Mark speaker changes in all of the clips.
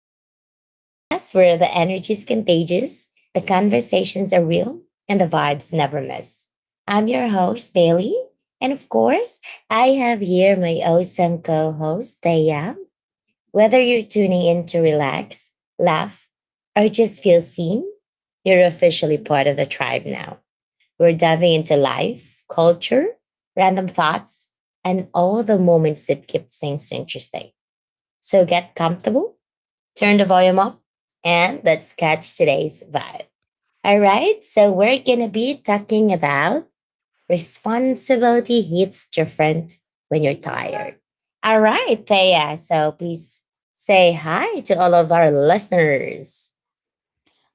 Speaker 1: the podcast where the energy is contagious, the conversations are real, and the vibes never miss. I'm your host, Bailey. And of course, I have here my awesome co host, Thea. Whether you're tuning in to relax, laugh, or just feel seen, you're officially part of the tribe now. We're diving into life, culture, random thoughts, and all the moments that keep things interesting. So get comfortable, turn the volume up, and let's catch today's vibe. All right, so we're going to be talking about responsibility hits different when you're tired. All right, Thea, so please say hi to all of our listeners.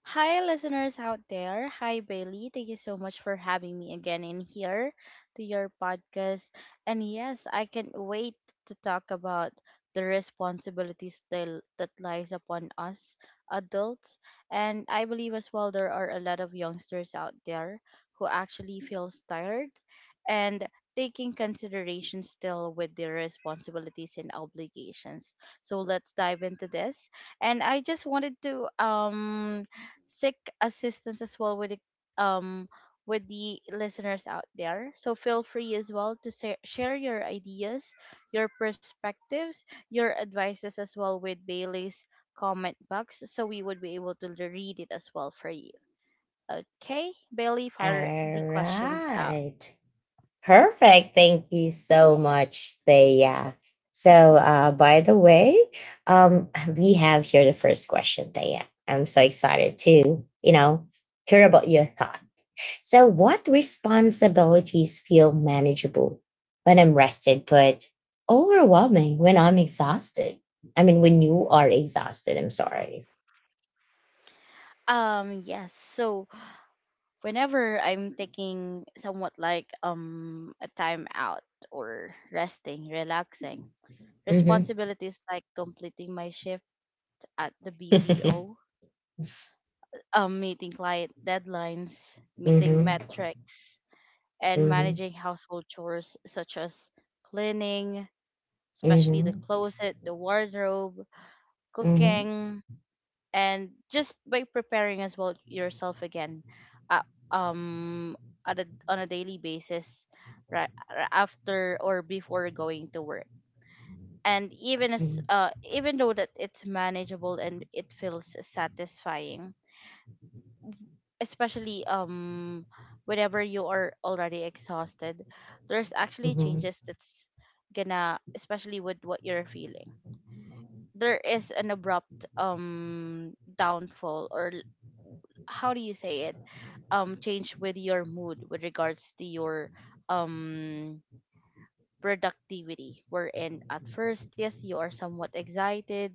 Speaker 2: Hi, listeners out there. Hi, Bailey. Thank you so much for having me again in here to your podcast. And yes, I can't wait to talk about the responsibilities that lies upon us adults. And I believe as well there are a lot of youngsters out there who actually feels tired and taking consideration still with their responsibilities and obligations. So let's dive into this. And I just wanted to sick assistance as well um with the listeners out there. So feel free as well to share your ideas, your perspectives, your advices as well with Bailey's comment box so we would be able to read it as well for you. Okay, Bailey, fire
Speaker 1: All
Speaker 2: the questions out.
Speaker 1: right. Perfect. Thank you so much, Thea. So, by the way, um, we have here the first question, Thea. I'm so excited to, hear about your thought. So, what responsibilities feel manageable when I'm rested, but overwhelming when I'm exhausted? I mean, when you are exhausted, I'm sorry.
Speaker 2: Yes, so whenever I'm taking somewhat like a time out or resting, relaxing,
Speaker 1: Hmm
Speaker 2: responsibilities like completing my shift at the BPO, meeting client deadlines, meeting
Speaker 1: hmm
Speaker 2: metrics, and
Speaker 1: hmm
Speaker 2: managing household chores such as cleaning, especially the
Speaker 1: hmm
Speaker 2: closet, the wardrobe,
Speaker 1: hmm
Speaker 2: cooking, and just by preparing as well yourself again uh, um, on a daily basis right after or before going to work and even as even though that it's manageable and it feels satisfying especially whenever you are already exhausted there's actually
Speaker 1: hmm
Speaker 2: changes that's gonna, especially with what you're feeling. There is an abrupt downfall or how do you say it, change with your mood with regards to your um productivity, wherein at first, yes, you are somewhat excited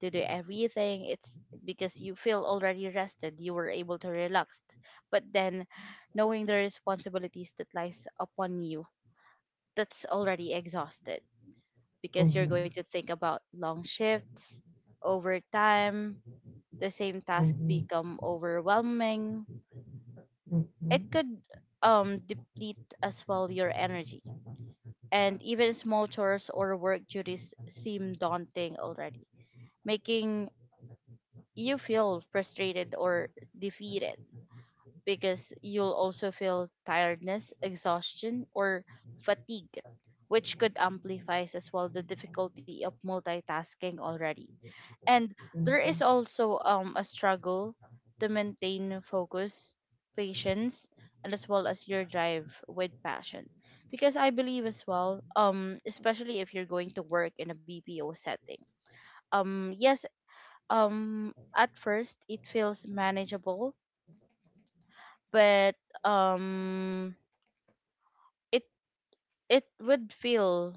Speaker 2: to do everything. It's because you feel already rested, you were able to relax, but then knowing the responsibilities that lies upon you, that's already exhausted because you're going
Speaker 1: hmm
Speaker 2: to think about long shifts, overtime, the same task
Speaker 1: hmm
Speaker 2: become overwhelming. It
Speaker 1: Mhm,
Speaker 2: could deplete as well your energy, and even small chores or work duties seem daunting already, making you feel frustrated or defeated because you'll also feel tiredness, exhaustion, or fatigue, which could amplify as well the difficulty of multitasking already. And there is
Speaker 1: mhm.
Speaker 2: also a struggle to maintain focus, patience, and as well as your drive with passion, because I believe as well, especially if you're going to work in a BPO setting. Yes, at first it feels manageable, but um it it would feel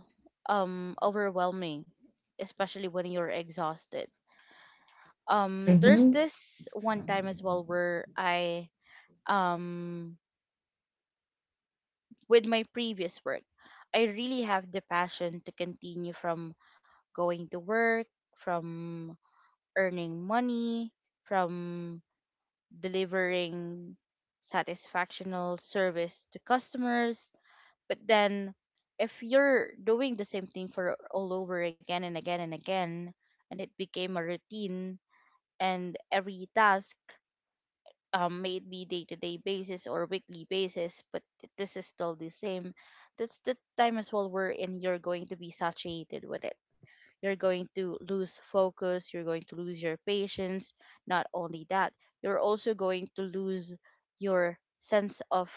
Speaker 2: overwhelming especially when you're exhausted. There's
Speaker 1: Mhm,
Speaker 2: this one time as well where I um, with my previous work, I really have the passion to continue from going to work, from earning money, from delivering satisfactional service to customers. But then, if you're doing the same thing for all over again and again and again, and it became a routine, and every task, may it be day to day basis or weekly basis, but this is still the same. That's the time as well wherein you're going to be saturated with it. You're going to lose focus, you're going to lose your patience. Not only that, you're also going to lose your sense of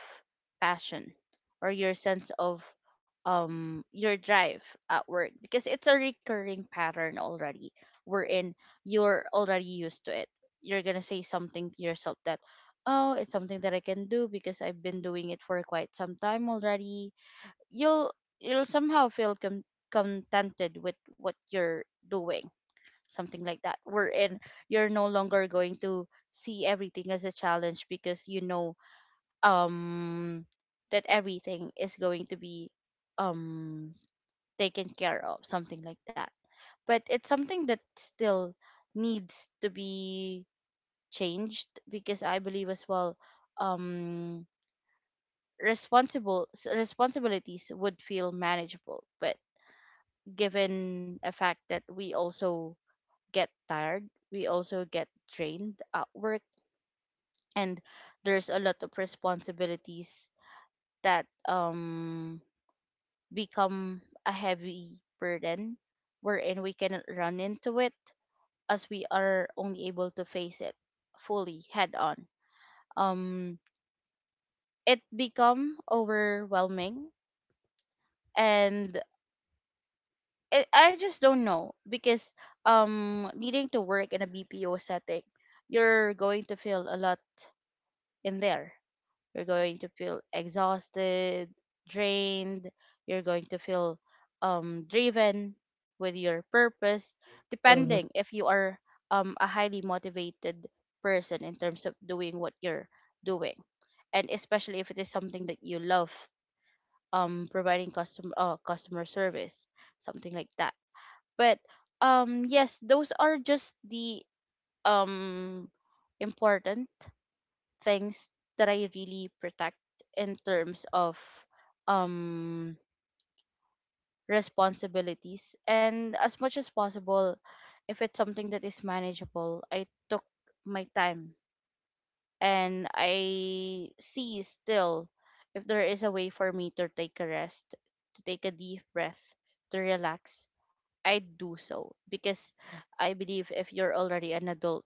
Speaker 2: passion or your sense of your drive at work because it's a recurring pattern already, wherein you're already used to it. You're gonna say something to yourself that, oh, it's something that I can do because I've been doing it for quite some time already. You'll you'll somehow feel contented with what you're doing, something like that, wherein you're no longer going to see everything as a challenge because you know um that everything is going to be um taken care of, something like that. But it's something that still needs to be changed because I believe as well, um responsibilities would feel manageable, but given a fact that we also get tired, we also get drained at work, and there's a lot of responsibilities that become a heavy burden wherein we cannot run into it, as we are only able to face it fully head on. Um it become overwhelming, and I just don't know because needing to work in a BPO setting, you're going to feel a lot in there. You're going to feel exhausted, drained, you're going to feel driven with your purpose
Speaker 1: uh-huh,
Speaker 2: depending if you are a highly motivated person in terms of doing what you're doing, and especially if it is something that you love, providing customer service, something like that. But yes, those are just the um important things that I really protect in terms of um responsibilities. And as much as possible, if it's something that is manageable, I took my time, and I see still if there is a way for me to take a rest, to take a deep breath, to relax, I'd do so because I believe if you're already an adult,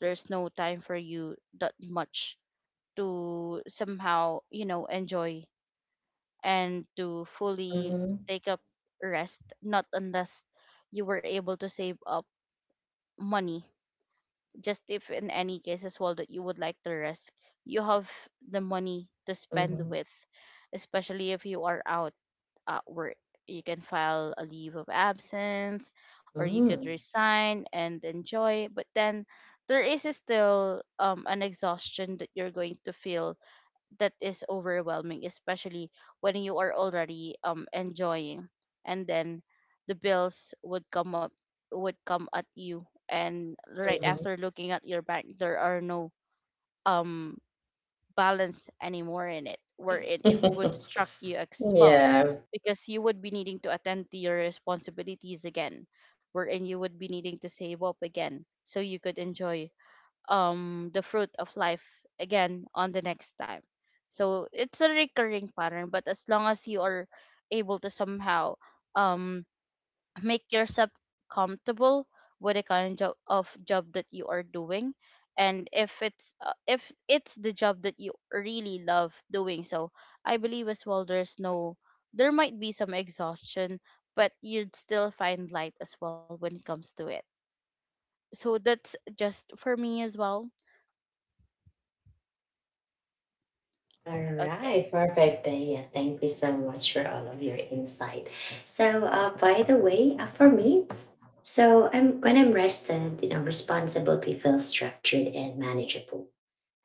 Speaker 2: there's no time for you that much to somehow, you know, enjoy and to fully
Speaker 1: uh-huh,
Speaker 2: take up rest, not unless you were able to save up money. Just if in any case as well that you would like to rest, you have the money to spend
Speaker 1: uh-huh,
Speaker 2: with, especially if you are out where you can file a leave of absence or you could
Speaker 1: mm,
Speaker 2: resign and enjoy, but then there is still an exhaustion that you're going to feel that is overwhelming, especially when you are already enjoying, and then the bills would come up, would come at you, and right
Speaker 1: uh-huh.
Speaker 2: after looking at your bank there are no um balance anymore in it, wherein it would struck you as well, because you would be needing to attend to your responsibilities again, wherein you would be needing to save up again, so you could enjoy the fruit of life again on the next time. So it's a recurring pattern, but as long as you are able to somehow um make yourself comfortable with the kind of job that you are doing, and if it's the job that you really love doing so, I believe as well there's no, there might be some exhaustion, but you'd still find light as well when it comes to it. So that's just for me as well.
Speaker 1: All
Speaker 2: Okay,
Speaker 1: right, perfect, Then, yeah. Thank you so much for all of your insight. So, by the way, for me, so I'm when I'm rested, you know, responsibility feels structured and manageable.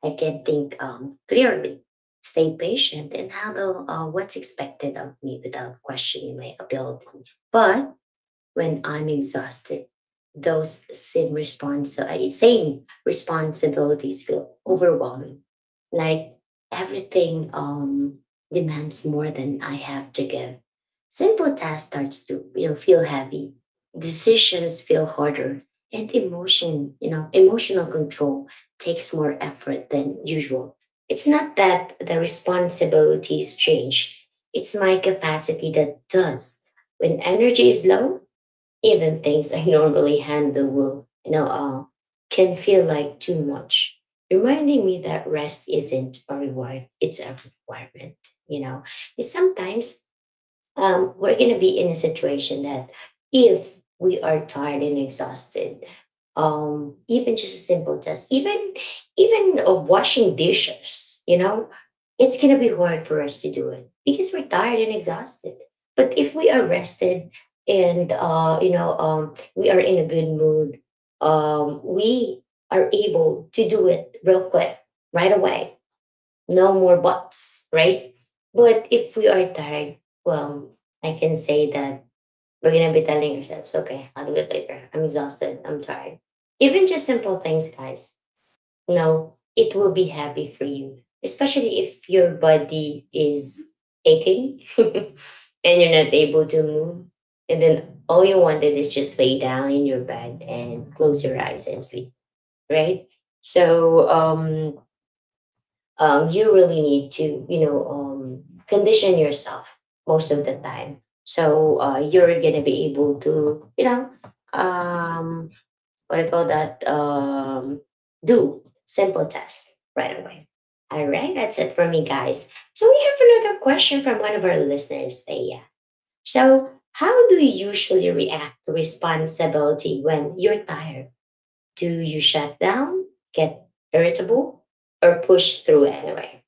Speaker 1: I can think clearly, stay patient, and handle what's expected of me without questioning my ability. But when I'm exhausted, those same responsibilities feel overwhelming. Like everything demands more than I have to give. Simple tasks starts to feel heavy. Decisions feel harder, and emotional control takes more effort than usual. It's not that the responsibilities change; it's my capacity that does. When energy is low, even things I normally handle will, can feel like too much, reminding me that rest isn't a reward, it's a requirement, you know. Because sometimes we're going to be in a situation that if we are tired and exhausted, even just a simple task, even washing dishes, you know, it's going to be hard for us to do it because we're tired and exhausted. But if we are rested and we are in a good mood, we are able to do it real quick, right away no more buts, right? But if we are tired, well, I can say that we're gonna be telling ourselves, okay, I'll do it later. I'm exhausted, I'm tired. Even just simple things, guys, you know, it will be happy for you, especially if your body is aching and you're not able to move. And then all you wanted is just lay down in your bed and close your eyes and sleep, right? So, you really need to, condition yourself most of the time. So you're gonna be able to, um, what do you call that? Do simple tests right away. All right, that's it for me, guys. So we have another question from one of our listeners, Thea. So how do you usually react to responsibility when you're tired? Do you shut down, get irritable, or push through anyway?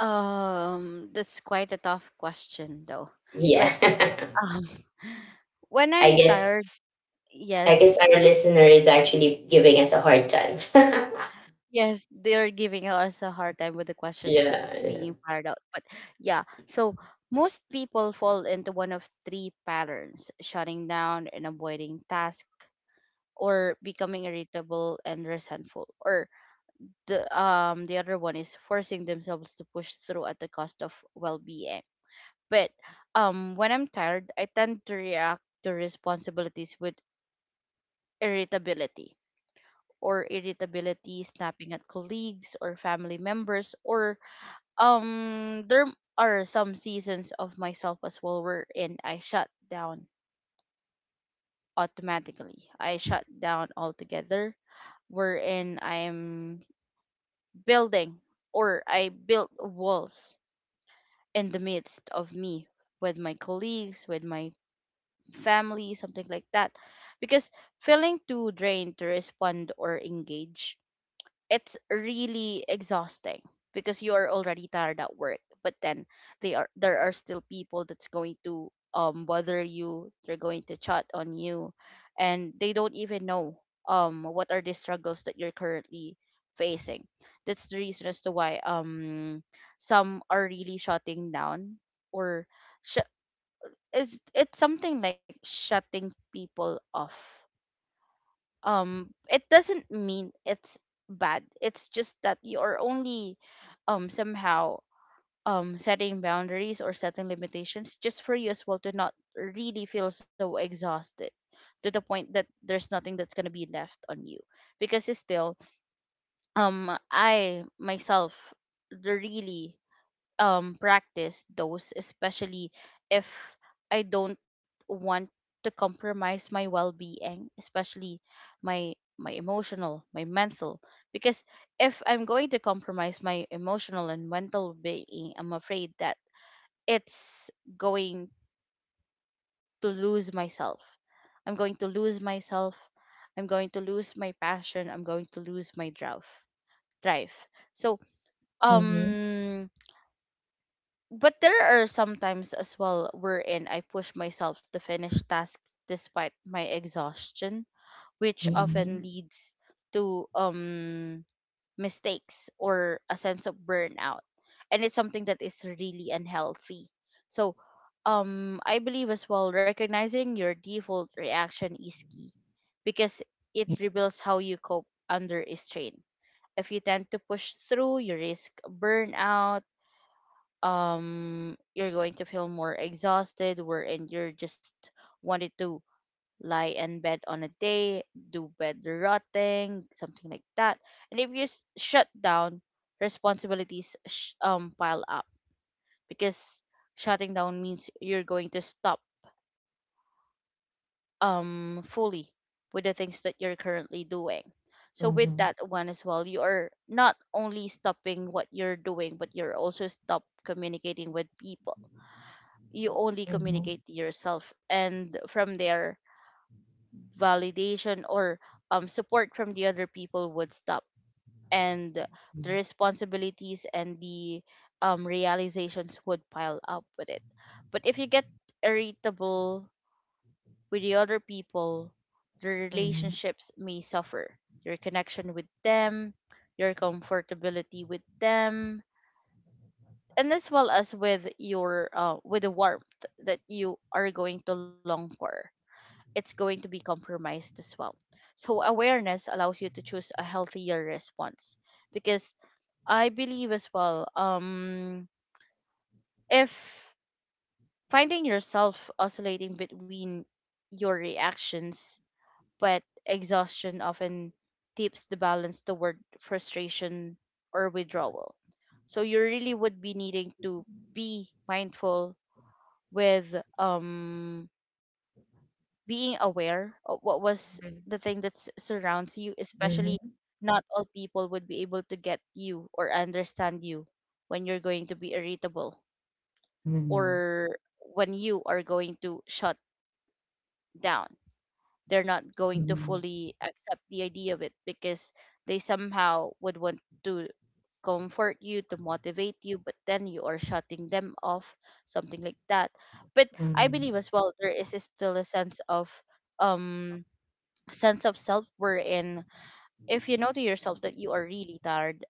Speaker 2: that's quite a tough question though, but
Speaker 1: Yeah.
Speaker 2: um when
Speaker 1: I
Speaker 2: I'm
Speaker 1: guess
Speaker 2: tired,
Speaker 1: I guess
Speaker 2: yes.
Speaker 1: our listener is actually giving us a hard time.
Speaker 2: Yes, they're giving us a hard time with the questions
Speaker 1: Yeah,
Speaker 2: that's
Speaker 1: yeah.
Speaker 2: being fired out. But yeah, so most people fall into one of three patterns: shutting down and avoiding task, or becoming irritable and resentful, or the other one is forcing themselves to push through at the cost of well-being. But when I'm tired, I tend to react to responsibilities with irritability, or irritability, snapping at colleagues or family members, or there are some seasons of myself as well wherein I shut down automatically. I shut down altogether, wherein I'm building, or I built walls in the midst of me with my colleagues, with my family, something like that. Because feeling too drained to respond or engage, it's really exhausting, because you are already tired at work, but then they are there are still people that's going to bother you, they're going to chat on you, and they don't even know what are the struggles that you're currently facing. That's the reason as to why some are really shutting down, or sh- is, it's something like shutting people off. It doesn't mean it's bad, it's just that you're only somehow setting boundaries or setting limitations just for you as well to not really feel so exhausted to the point that there's nothing that's going to be left on you. Because it's still, I myself really practice those, especially if I don't want to compromise my well-being, especially my emotional, my mental, because if I'm going to compromise my emotional and mental being, I'm afraid that it's going to lose myself. I'm going to lose myself, I'm going to lose my passion, I'm going to lose my drive. So
Speaker 1: Mm-hmm.
Speaker 2: um but there are some times as well wherein I push myself to finish tasks despite my exhaustion, which often leads to mistakes or a sense of burnout. And it's something that is really unhealthy. So I believe as well recognizing your default reaction is key, because it reveals how you cope under a strain. If you tend to push through, you risk burnout. You're going to feel more exhausted wherein you're just wanted to lie in bed on a day, do bed rotting, something like that. And if you shut down, responsibilities pile up, because shutting down means you're going to stop fully with the things that you're currently doing. So with
Speaker 1: Mm-hmm.
Speaker 2: that one as well, you are not only stopping what you're doing, but you're also stop communicating with people. You only communicate to yourself, and from there validation or support from the other people would stop, and the responsibilities and the realizations would pile up with it. But if you get irritable with the other people, the relationships may suffer, your connection with them, your comfortability with them, and as well as with your with the warmth that you are going to long for, it's going to be compromised as well. So awareness allows you to choose a healthier response, because I believe as well, if finding yourself oscillating between your reactions, but exhaustion often tips the balance toward frustration or withdrawal. So you really would be needing to be mindful with, being aware of what was the thing that surrounds you, especially
Speaker 1: Mm-hmm.
Speaker 2: not all people would be able to get you or understand you when you're going to be irritable,
Speaker 1: Mm-hmm.
Speaker 2: or when you are going to shut down. They're not going to
Speaker 1: Mm-hmm.
Speaker 2: fully accept the idea of it because they somehow would want to comfort you, to motivate you, but then you are shutting them off, something like that. But I believe as well there is still a um sense of self we're in. If you know to yourself that you are really tired,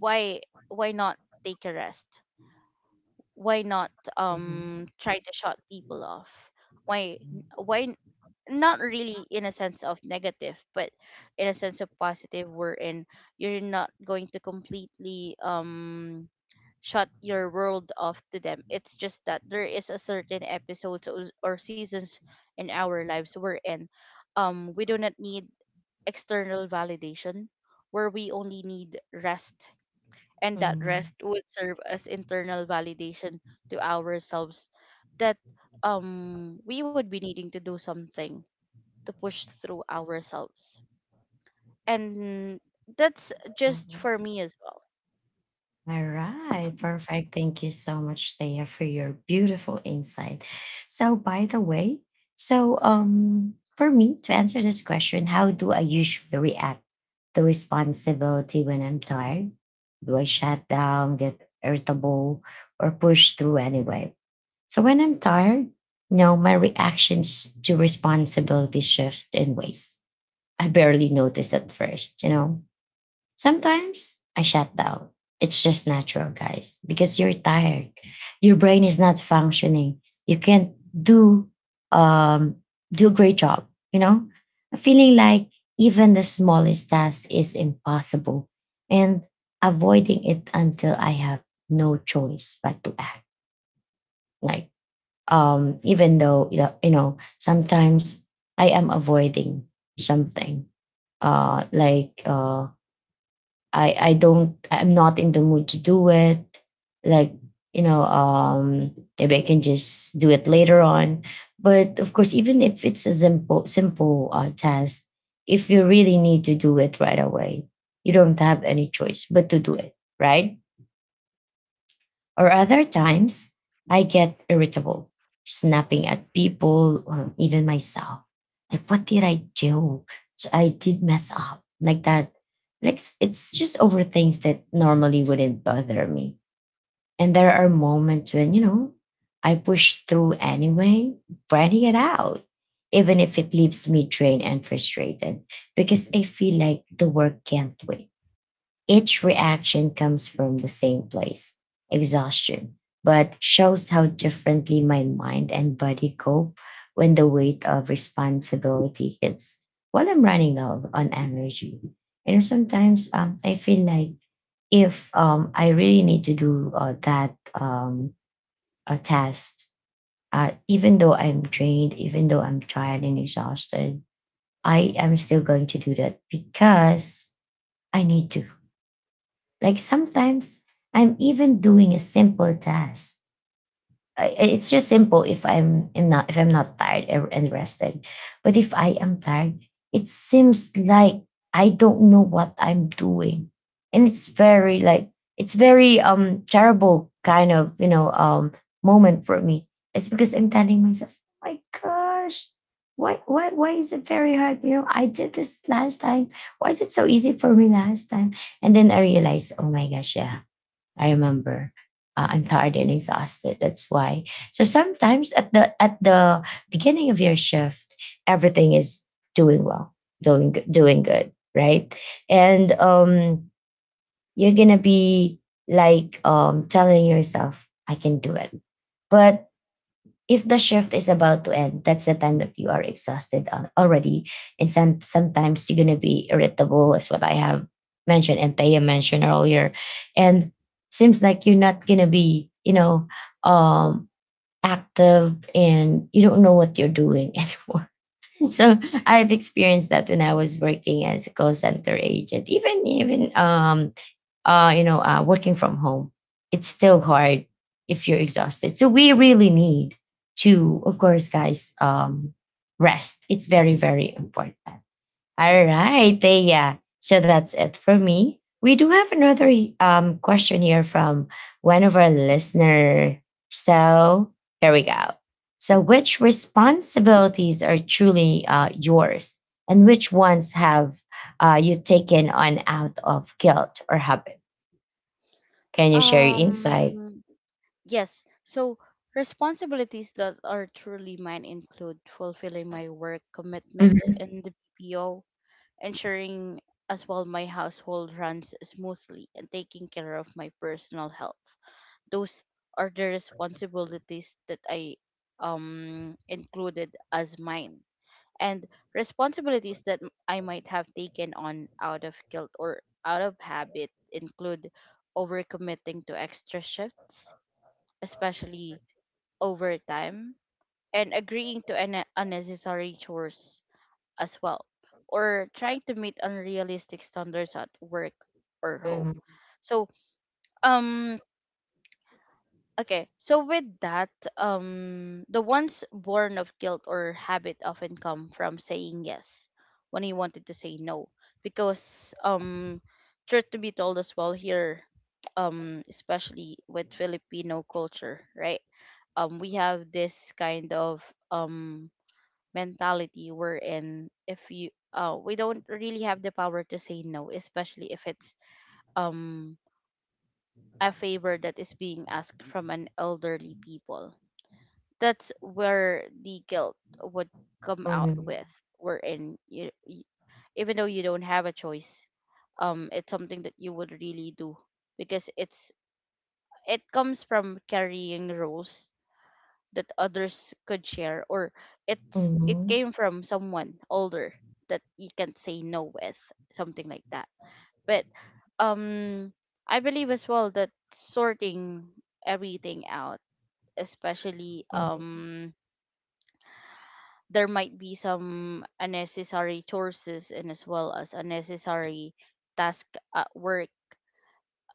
Speaker 2: why why not take a rest, why not try to shut people off, why why not, really, in a sense of negative, but in a sense of positive, wherein you're not going to completely shut your world off to them. It's just that there is a certain episodes or seasons in our lives we're in, we do not need external validation, where we only need rest, and that rest would serve as internal validation to ourselves, that we would be needing to do something to push through ourselves. And that's just
Speaker 1: Mm-hmm.
Speaker 2: for me as well.
Speaker 1: All right, perfect. Thank you so much, Thea, for your beautiful insight. So, by the way, so for me to answer this question, how do I usually react to responsibility when I'm tired? Do I shut down, get irritable, or push through anyway? So, when I'm tired, no, my reactions to responsibility shift in ways I barely notice at first. You know, sometimes I shut down. It's just natural, guys, because you're tired. Your brain is not functioning. You can't do um do a great job, you know? Feeling like even the smallest task is impossible and avoiding it until I have no choice but to act. Like even though you know, sometimes I am avoiding something like I'm not in the mood to do it. Like, you know, maybe I can just do it later on. But of course, even if it's a simple task, if you really need to do it right away, you don't have any choice but to do it, right? Or other times, I get irritable, snapping at people or even myself. Like, what did I do? So I did mess up like that. Like, it's just over things that normally wouldn't bother me. And there are moments when, you know, I push through anyway, writing it out, even if it leaves me drained and frustrated, because I feel like the work can't wait each reaction comes from the same place exhaustion, but shows how differently my mind and body cope when the weight of responsibility hits. While I'm running out on energy, and sometimes I feel like if I really need to do that a task, even though I'm drained, even though I'm tired and exhausted, I am still going to do that because I need to. Like sometimes I'm even doing a simple task it's just simple if I'm not tired and rested. But if I am tired, it seems like I don't know what I'm doing. And it's very terrible kind of, moment for me. It's because I'm telling myself, "Oh my gosh, why is it very hard? You know, I did this last time. Why is it so easy for me last time? And then I realized, oh my gosh, yeah, I remember. I'm tired and exhausted. That's why. So sometimes at the beginning of your shift, everything is doing well, doing good, right? And you're gonna be telling yourself, "I can do it." But if the shift is about to end, that's the time that you are already. And sometimes you're going to be irritable, is what I have mentioned and Taya mentioned earlier. And seems like you're not going to be, um, active and you don't know what you're doing anymore. So I've experienced that when I was working as a call center agent, even working from home, it's still hard if you're exhausted. So we really need to, of course, guys, rest. It's very, very important. All right, Thea. So that's it for me. We do have another question here from one of our listeners. So here we go. So, which responsibilities are truly yours, and which ones have you taken on out of guilt or habit? Can you share your insight?
Speaker 2: um yes, so responsibilities that are truly mine include fulfilling my work commitments
Speaker 1: Mhm.
Speaker 2: in the BPO, ensuring as well my household runs smoothly, and taking care of my personal health. Those are the responsibilities that I included as mine, and responsibilities that I might have taken on out of guilt or out of habit include overcommitting to extra shifts, especially overtime, and agreeing to an unnecessary chores as well, or trying to meet unrealistic standards at work or home. So, um, okay, so with that, the ones born of guilt or habit often come from saying yes when he wanted to say no, because, truth to be told as well here, especially with Filipino culture, right? We have this kind of um mentality wherein if you we don't really have the power to say no, especially if it's um a favor that is being asked from an elderly people. That's where the guilt would come out
Speaker 1: Mhm.
Speaker 2: with, wherein you even though you don't have a choice, it's something that you would really do, because it comes from carrying roles that others could share, or it
Speaker 1: Mhm.
Speaker 2: came from someone older that you can't say no with, something like that. But um I believe as well that sorting everything out, especially there might be some unnecessary chores, and as well as unnecessary task at work,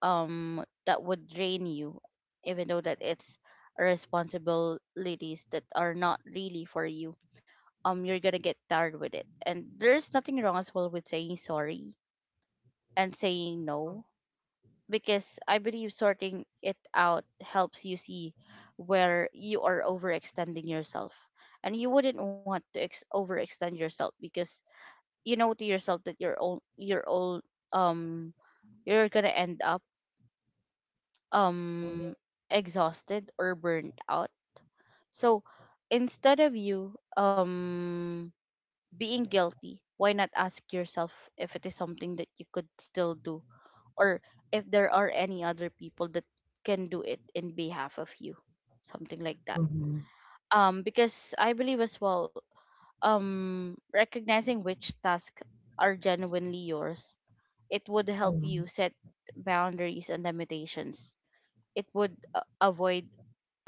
Speaker 2: that would drain you, even though that it's responsibilities that are not really for you, you're gonna get tired with it, and there's nothing wrong as well with saying sorry and saying no, because I believe sorting it out helps you see where you are overextending yourself, and you wouldn't want to overextend yourself because you know to yourself that um you're gonna end up um exhausted or burnt out. So instead of you being guilty, why not ask yourself if it is something that you could still do, or if there are any other people that can do it in behalf of you? Something like that. Because I believe as well, recognizing which tasks are genuinely yours, it would help you set boundaries and limitations. It would avoid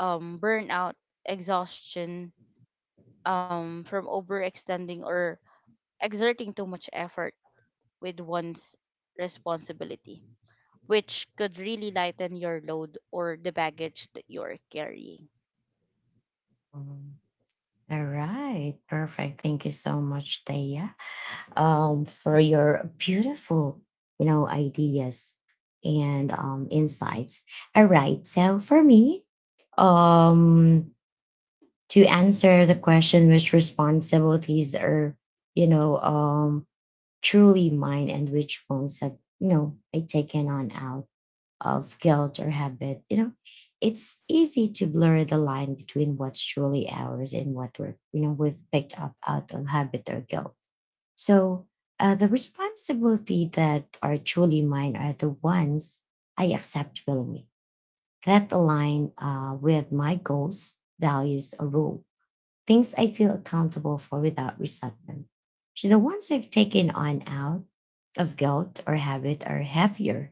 Speaker 2: burnout, exhaustion, from overextending or exerting too much effort with one's responsibility, which could really lighten your load or the baggage that you're carrying.
Speaker 1: Mhm. All right. Perfect. Thank you so much, Thea, for your beautiful, you know, ideas and insights. All right. So for me, um, to answer the question, which responsibilities are, you know, um, truly mine and which ones have, you know, I taken on out of guilt or habit, you know, it's easy to blur the line between what's truly ours and what we've picked up out of habit or guilt. So the responsibility that are truly mine are the ones I accept willingly that align with my goals, values, or role things I feel accountable for without resentment. So the ones I've taken on out of guilt or habit are heavier.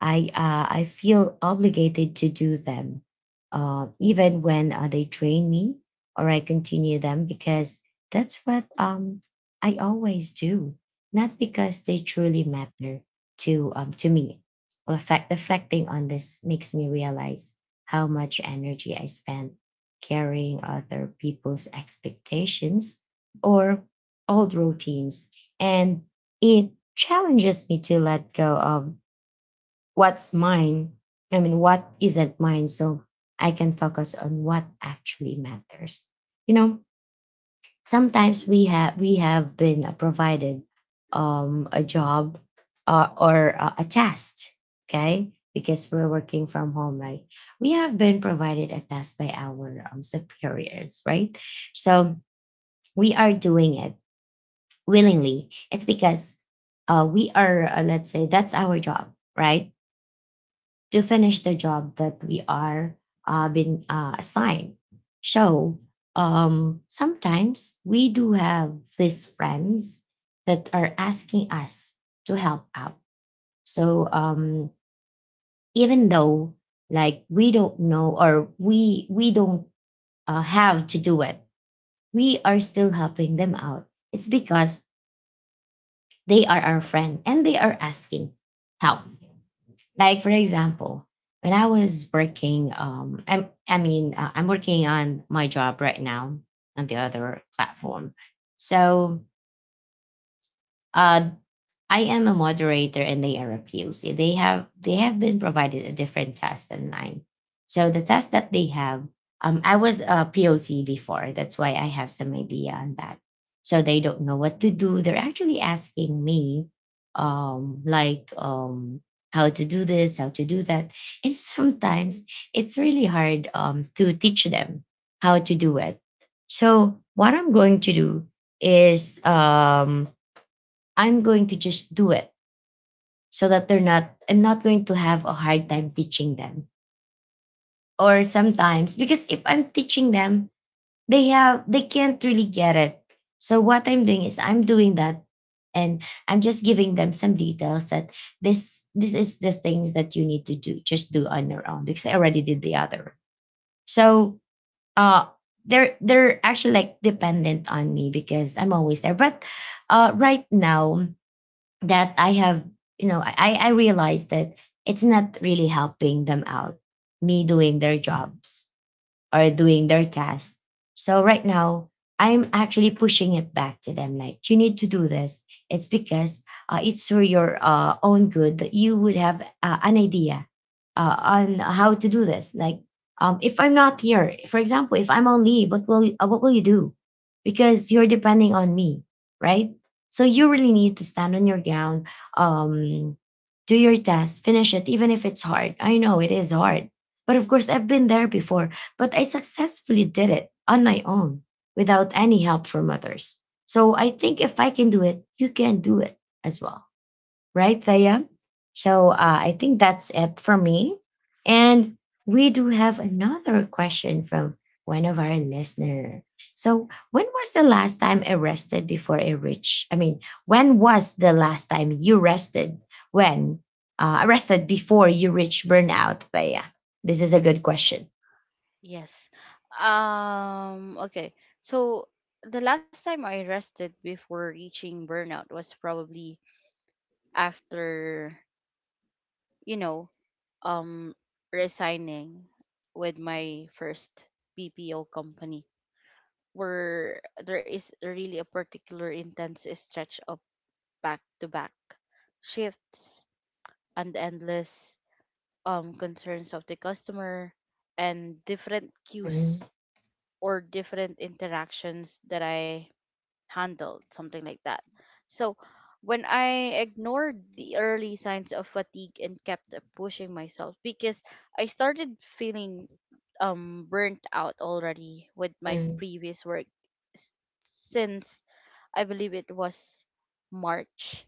Speaker 1: I feel obligated to do them, even when they drain me or I continue them because that's what I always do, not because they truly matter to me. Reflecting on this makes me realize how much energy I spent carrying other people's expectations or old routines. And it challenges me to let go of what's mine. I mean, what isn't mine so I can focus on what actually matters. You know, sometimes we have been provided a job or a task okay because we're working from home right we have been provided a task by our superiors right so we are doing it willingly it's because we are let's say that's our job right to finish the job that we are been assigned. So sometimes we do have these friends that are asking us to help out. So even though like we don't know or we don't have to do it, we are still helping them out. It's because they are our friend and they are asking help. Like for example, when I was working, I'm working on my job right now on the other platform. So, uh, I am a moderator and they are a POC. They have been provided a different test than mine. So the test that they have, I was a POC before. That's why I have some idea on that. So they don't know what to do. They're actually asking me, um, like um, how to do this, how to do that, and sometimes it's really hard to teach them how to do it. So what I'm going to do is I'm going to just do it so that they're not I'm not going to have a hard time teaching them. Or sometimes because if I'm teaching them, they can't really get it. So what I'm doing is I'm doing that and I'm just giving them some details that this is the things that you need to do. Just do on your own because I already did the other. So uh they're actually like dependent on me because I'm always there. But right now that I have, I realized that it's not really helping them out, me doing their jobs or doing their task. So right now, I'm actually pushing it back to them. Like, you need to do this. It's because it's for your own good that you would have an idea on how to do this. Like, if I'm not here, for example, if I'm on leave, what will you do? Because you're depending on me, right? So you really need to stand on your ground, um, do your task, finish it, even if it's hard. I know it is hard, but of course, I've been there before, but I successfully did it on my own without any help from others. So I think if I can do it, you can do it as well. Right, Thea? So I think that's it for me. And we do have another question from one of our listener. So when was the last time I rested before I reached? I mean, when was the last time you rested when rested before you reach burnout, Thea? This is a good question.
Speaker 2: Yes. Okay. So the last time I rested before reaching burnout was probably after, you know, um resigning with my first BPO company, where there is really a particular intense stretch of back to back shifts and endless concerns of the customer and different cues or different interactions that I handled, something like that. So when I ignored the early signs of fatigue and kept pushing myself, because I started feeling burnt out already with my previous work, s- since I believe it was March,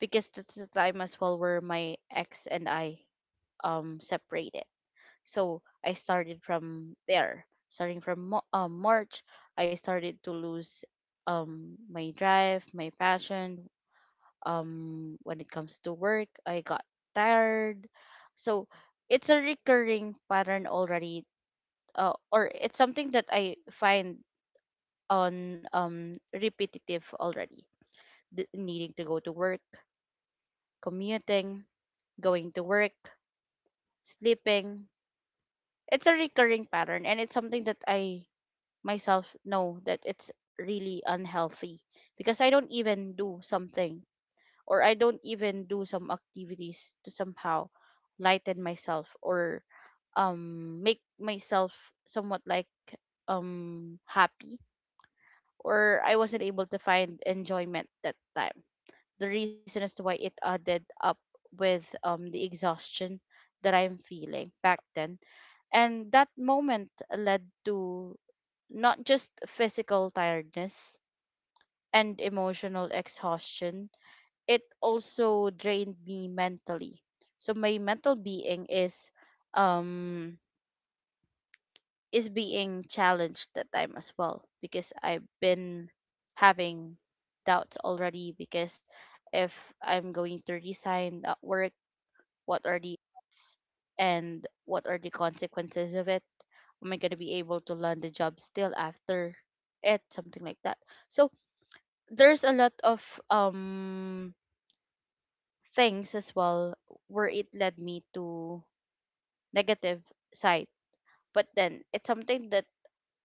Speaker 2: because that's the time as well where my ex and I separated. So I started from there. Starting from March, I started to lose my drive, my passion. When it comes to work, I got tired. So it's a recurring pattern already, or it's something that I find on, repetitive already. Needing to go to work, commuting, going to work, sleeping. It's a recurring pattern, and it's something that I myself know that it's really unhealthy, because I don't even do something or I don't even do some activities to somehow lighten myself or make myself somewhat happy, or I wasn't able to find enjoyment that time. The reason as to why it added up with the exhaustion that I'm feeling back then. And that moment led to not just physical tiredness and emotional exhaustion, it also drained me mentally. So my mental being um is being challenged that time as well, because I've been having doubts already, because if I'm going to resign at work, what are the odds and what are the consequences of it? Am I gonna be able to land a job still after it? Something like that. So there's a lot of um things as well where it led me to negative side, but then it's something that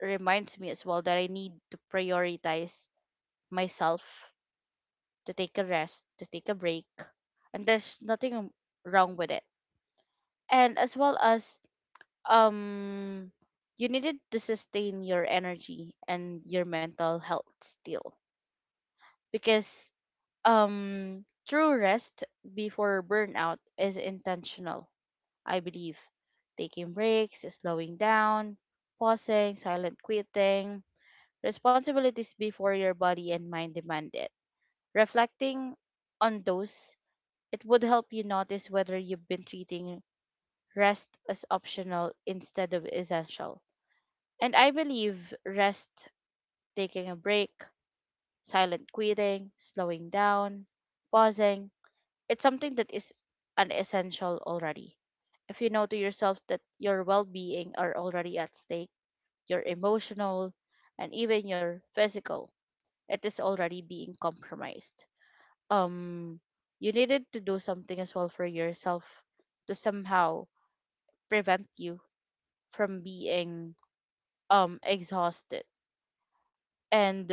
Speaker 2: reminds me as well that I need to prioritize myself, to take a rest, to take a break. And there's nothing wrong with it, and as well as, um you needed to sustain your energy and your mental health still, because true rest before burnout is intentional, I believe. Taking breaks, slowing down, pausing, silent quitting responsibilities before your body and mind demand it. Reflecting on those, it would help you notice whether you've been treating rest as optional instead of essential. And I believe rest, taking a break, silent quitting, slowing down, pausing, it's something that is an essential already. If you know to yourself that your well being are already at stake, your emotional and even your physical, it is already being compromised. Um you needed to do something as well for yourself, to somehow prevent you from being exhausted. And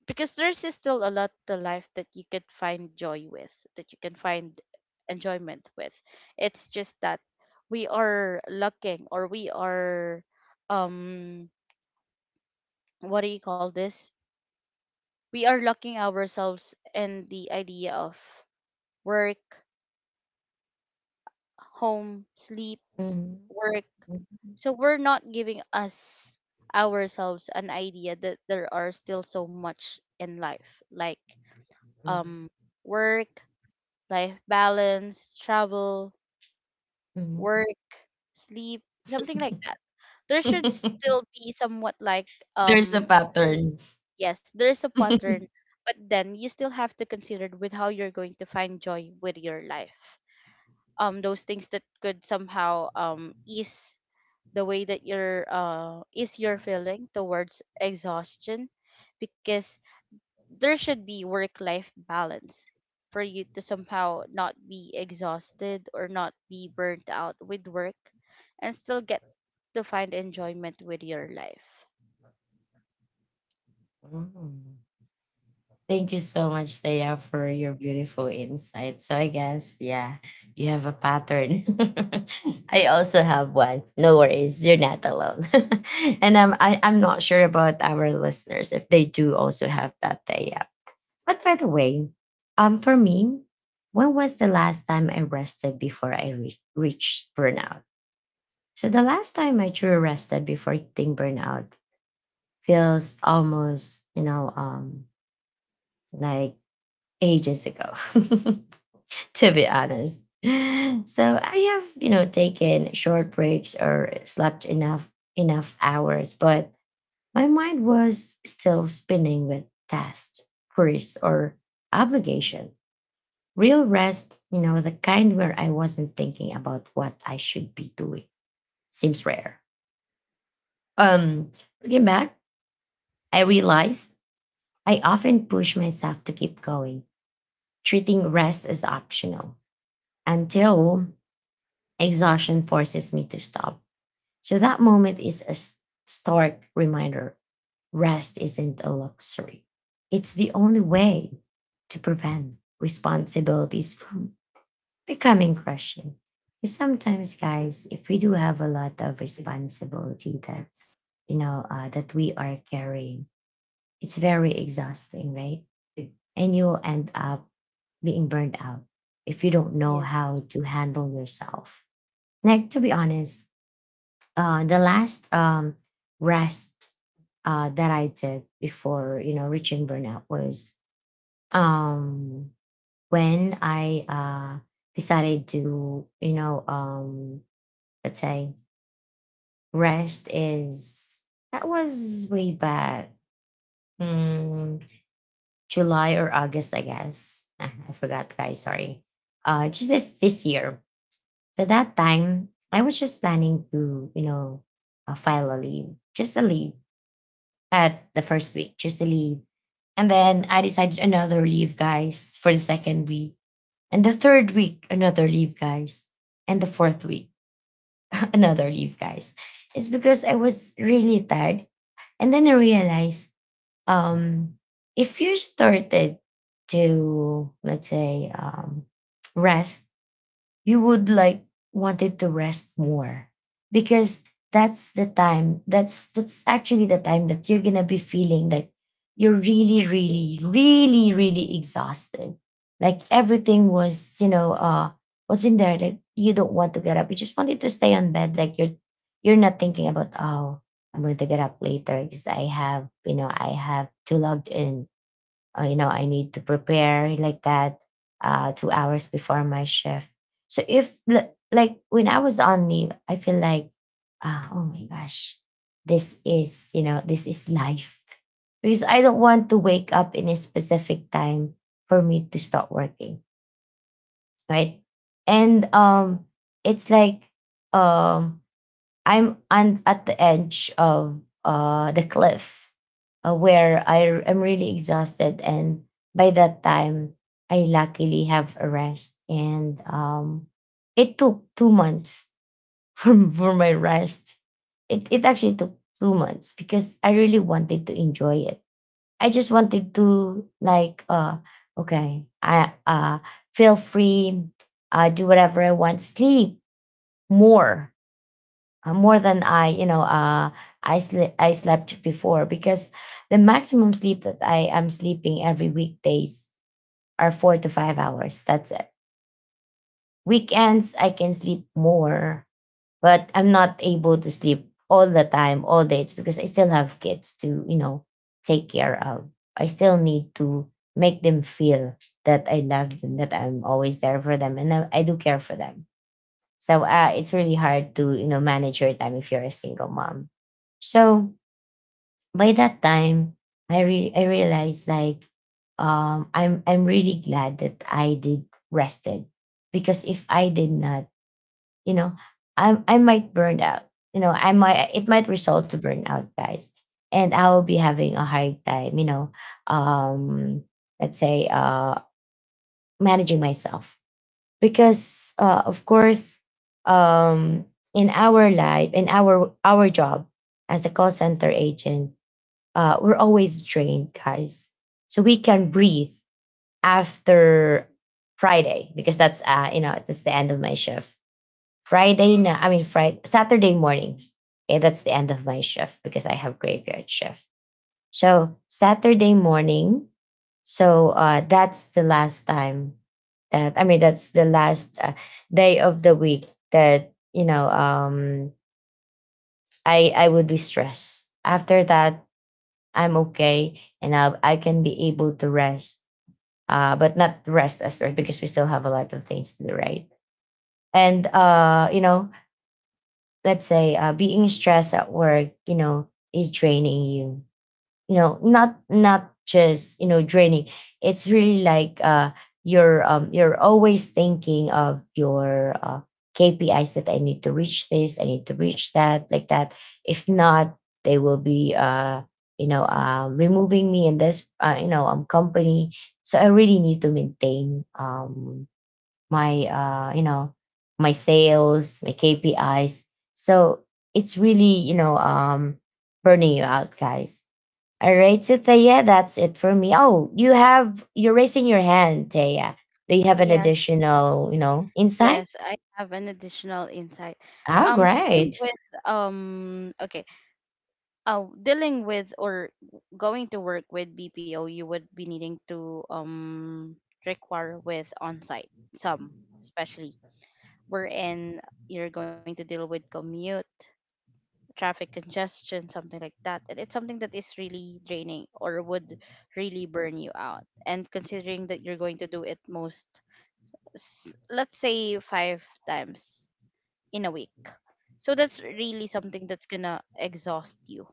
Speaker 2: because there's is still a lot to life that you could find joy with, that you can find enjoyment with. It's just that we are looking or we are, um what do you call this? We are locking ourselves in the idea of work, home, sleep, work. So we're not giving us ourselves an idea that there are still so much in life, like,
Speaker 1: Mhm.
Speaker 2: um work life balance, travel, work, sleep, something like that. There should still be somewhat like
Speaker 1: There's a
Speaker 2: um link.
Speaker 1: pattern.
Speaker 2: Yes, there's a pattern, but then you still have to consider with how you're going to find joy with your life. Those things that could somehow ease the way that you're ease your feeling towards exhaustion, because there should be work life balance for you to somehow not be exhausted or not be burnt out with work, and still get to find enjoyment with your life.
Speaker 1: Mm. Thank you so much, Thea, for your beautiful insight. So I guess, yeah, you have a pattern. I also have one. No worries, you're not alone. I'm not sure about our listeners if they do also have that, Thea. But by the way, for me, when was the last time I rested before I reached burnout? So the last time I drew rested before eating burnout feels almost, you know, like ages ago, to be honest. So I have, you know, taken short breaks or slept enough hours, but my mind was still spinning with tasks, queries, or obligation. Real rest, you know, the kind where I wasn't thinking about what I should be doing, seems rare. Um, Looking back, I realize I often push myself to keep going, treating rest as optional until exhaustion forces me to stop. So that moment is a stark reminder rest isn't a luxury, it's the only way to prevent responsibilities from becoming crushing. 'Cause sometimes, guys, if we do have a lot of responsibility that you know that we are carrying, it's very exhausting, right? Mm. And you'll end up being burned out if you don't know
Speaker 2: Yes.
Speaker 1: how to handle yourself. Like, to be honest, the last rest that I did before, you know, reaching burnout was um, when I decided to, you know, let's say rest is, that was way back mm, July or August, I guess. Ah, I forgot, guys. Sorry. Just this year. At that time, I was just planning to, you know, file a leave, just a leave at the first week, just a leave, and then I decided another leave, guys, for the second week, and the third week another leave, guys, and the fourth week another leave, guys. It's because I was really tired, and then I realized um if you started to let's say rest, you would like wanted to rest more because that's the time that's actually the time that you're gonna be feeling like you're really really really really exhausted, like everything was was in there that you don't want to get up, you just wanted to stay on bed. Like you're not thinking about, oh, I'm going to get up later because I have to log in. I need to prepare like that two hours before my shift. So if like when I was on leave, I feel like, ah, oh my gosh, this is life because I don't want to wake up in a specific time for me to start working, right? And it's like um, I'm on at the edge of the cliff where I am really exhausted. And by that time, I luckily have a rest. And it took two months for my rest. It actually took two months because I really wanted to enjoy it. I just wanted to, like, okay, I feel free, do whatever I want, sleep more more than I, you know, I slept before because the maximum sleep that I am sleeping every weekdays are four to five hours. That's it. Weekends I can sleep more, but I'm not able to sleep all the time, all day. It's because I still have kids to, you know, take care of. I still need to make them feel that I love them, that I'm always there for them, and I do care for them. So it's really hard to you know manage your time if you're a single mom. So by that time, I realized like I'm really glad that I did rested because if I did not, you know, I might burn out. You know, I might it might result to burnout, guys, and I will be having a hard time. You know, um, let's say managing myself because of course um, in our life in our job as a call center agent, we're always drained, guys. So we can breathe after Friday because that's you know that's the end of my shift. Friday na- I mean Friday, Saturday morning. Okay, that's the end of my shift because I have graveyard shift. So Saturday morning. So that's the last time that's the last day of the week that I would be stressed. After that, I'm okay and I can be able to rest. But not rest as rest because we still have a lot of things to do, right? And let's say being stressed at work, you know, is draining you, you know, not just you know draining. It's really like you're always thinking of your KPIs that I need to reach this I need to reach that, like that. If not, they will be removing me in this company. So I really need to maintain my my sales, my KPIs. So it's really burning you out, guys. All right, so Thea, that's it for me. Oh, you're raising your hand, Thea. Do you have an
Speaker 2: Yes.
Speaker 1: additional, you know, insight?
Speaker 2: Yes, I have an additional insight.
Speaker 1: Oh,
Speaker 2: Um Same
Speaker 1: great.
Speaker 2: with, okay. Dealing with or going to work with BPO, you would be needing to require with on site some, especially wherein you're going to deal with commute, traffic congestion, something like that. And it's something that is really draining or would really burn you out. And considering that you're going to do it most, let's say, five times in a week. So that's really something that's gonna exhaust you.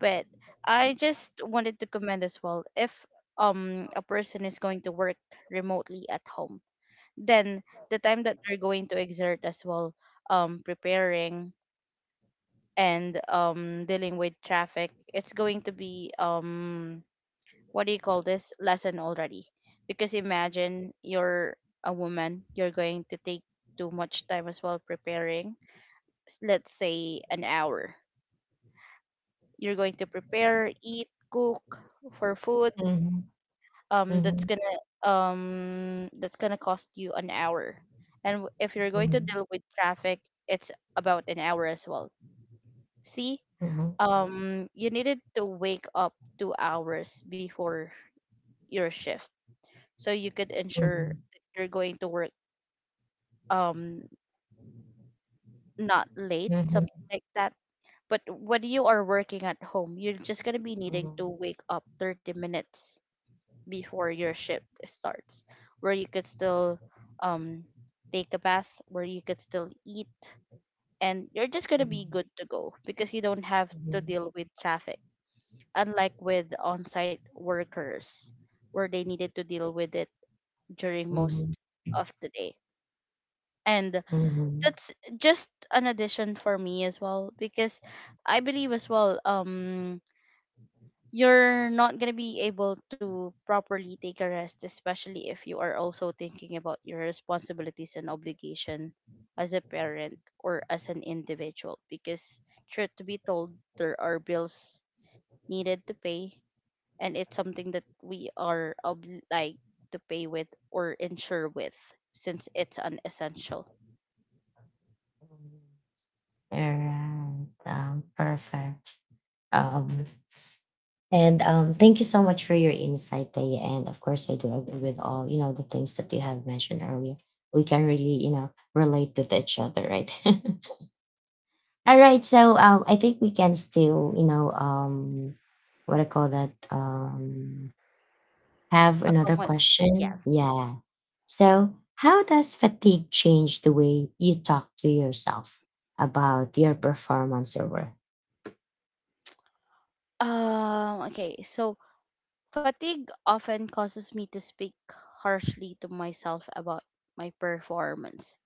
Speaker 2: But I just wanted to comment as well, if a person is going to work remotely at home, then the time that they're going to exert as well preparing and dealing with traffic, it's going to be what do you call this lesson already. Because imagine you're a woman, you're going to take too much time as well preparing. Let's say an hour you're going to prepare, eat, cook for food.
Speaker 1: Mhm,
Speaker 2: um that's
Speaker 1: mhm,
Speaker 2: gonna that's gonna cost you an hour. And if you're going to
Speaker 1: mhm,
Speaker 2: deal with traffic, it's about an hour as well. See,
Speaker 1: mhm,
Speaker 2: you needed to wake up 2 hours before your shift so you could ensure that you're going to work, um not late, something like that. But when you are working at home, you're just going to be needing to wake up 30 minutes before your shift starts, where you could still um take a bath, where you could still eat, and you're just gonna be good to go because you don't have to deal with traffic. Unlike with on-site workers, where they needed to deal with it during most
Speaker 1: mhm,
Speaker 2: of the day. And
Speaker 1: mhm.
Speaker 2: that's just an addition for me as well, because I believe as well, you're not going to be able to properly take a rest, especially if you are also thinking about your responsibilities and obligation as a parent or as an individual. Because, truth to be told, there are bills needed to pay, and it's something that we are like to pay with or insure with, since it's an essential.
Speaker 1: All right. Perfect. Um, And thank you so much for your insight, Taya. And of course, I do agree with all you know the things that you have mentioned earlier. We can really you know relate with each other, right? All right, so I think we can still you know what I call that have
Speaker 2: A
Speaker 1: another
Speaker 2: common
Speaker 1: question.
Speaker 2: yes.
Speaker 1: Yeah. So how does fatigue change the way you talk to yourself about your performance or work?
Speaker 2: Okay. So fatigue often causes me to speak harshly to myself about my performance,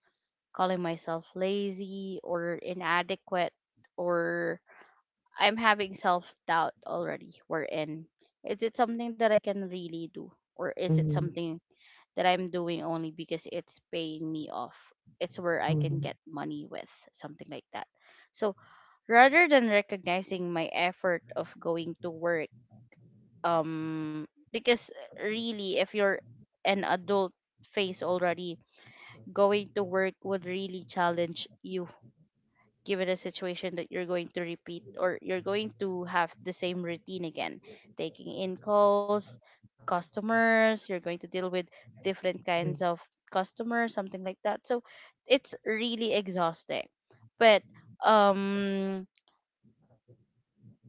Speaker 2: calling myself lazy or inadequate, or I'm having self doubt already. Wherein, is it something that I can really do, or is it
Speaker 1: Mm-hmm.
Speaker 2: something that I'm doing only because it's paying me off? It's where I can get money with, something like that. So rather than recognizing my effort of going to work, um because really if you're an adult phase already, going to work would really challenge you, given a situation that you're going to repeat or you're going to have the same routine again, taking in calls, customers you're going to deal with, different kinds of customers, something like that. So it's really exhausting. But um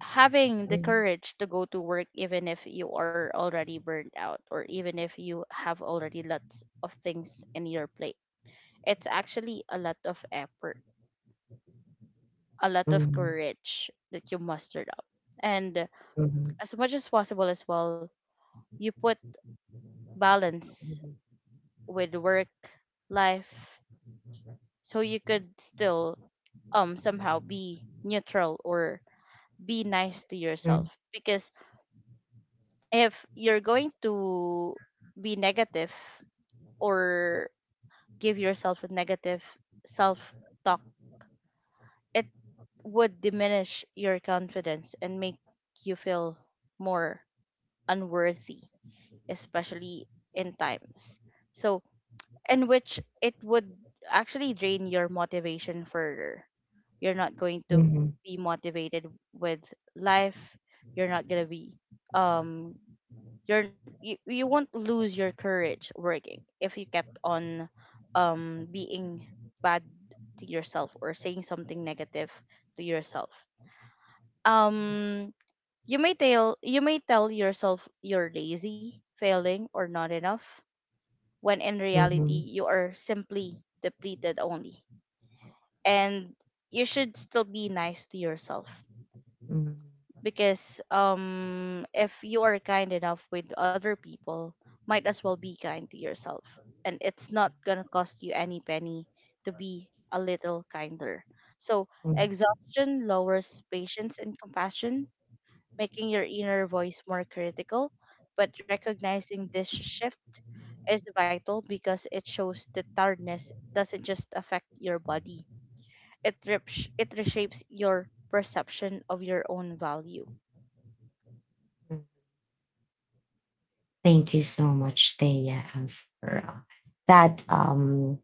Speaker 2: having the courage to go to work even if you are already burned out, or even if you have already lots of things in your plate, it's actually a lot of effort, a lot of courage that you mustered up. And as much as possible as well, you put balance with work life, so you could still somehow be neutral or be nice to yourself. Because if you're going to be negative or give yourself a negative self talk, it would diminish your confidence and make you feel more unworthy, especially in times. So, in which it would actually drain your motivation further. You're not going to be motivated with life. You're not going to be um you won't lose your courage working if you kept on being bad to yourself or saying something negative to yourself. um you may tell yourself you're lazy, failing, or not enough, when in reality you are simply depleted only. And you should still be nice to yourself, because if you are kind enough with other people, might as well be kind to yourself. And it's not gonna cost you any penny to be a little kinder. So exhaustion lowers patience and compassion, making your inner voice more critical. But recognizing this shift is vital, because it shows that tiredness doesn't just affect your body, it reshapes your perception of your own value.
Speaker 1: Thank you so much, Thea, for that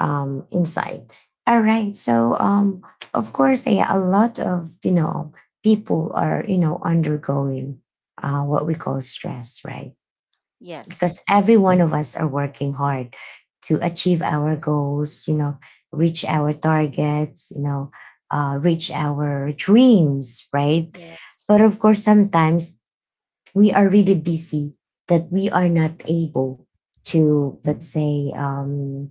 Speaker 1: insight. All right. So, of course, Thea, a lot of you know people are you know undergoing what we call stress, right? Because
Speaker 2: Yes.
Speaker 1: every one of us are working hard to achieve our goals. You know, reach our targets. You know, reach our dreams, right?
Speaker 2: Yes.
Speaker 1: But of course, sometimes we are really busy that we are not able to, let's say,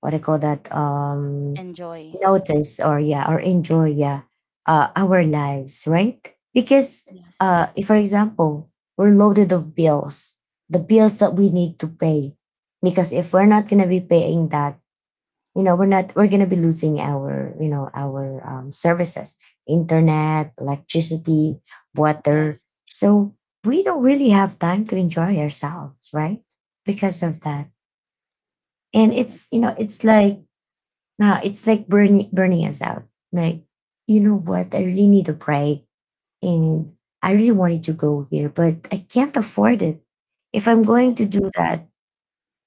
Speaker 1: what I call that,
Speaker 2: Enjoy.
Speaker 1: notice or, yeah, or enjoy, yeah, our lives, right? Because
Speaker 2: Yes.
Speaker 1: uh, if for example we're loaded of bills, the bills that we need to pay, because if we're not going to be paying that, you know, we're not we're gonna be losing our, you know, our services: internet, electricity, water.
Speaker 2: Yes.
Speaker 1: So we don't really have time to enjoy ourselves, right? Because of that. And it's, you know,
Speaker 2: Exactly.
Speaker 1: it's like now it's like burning us out, like, you know what, I really need a break. And I really wanted to go here but I can't afford it. If I'm going to
Speaker 2: Yes.
Speaker 1: do that,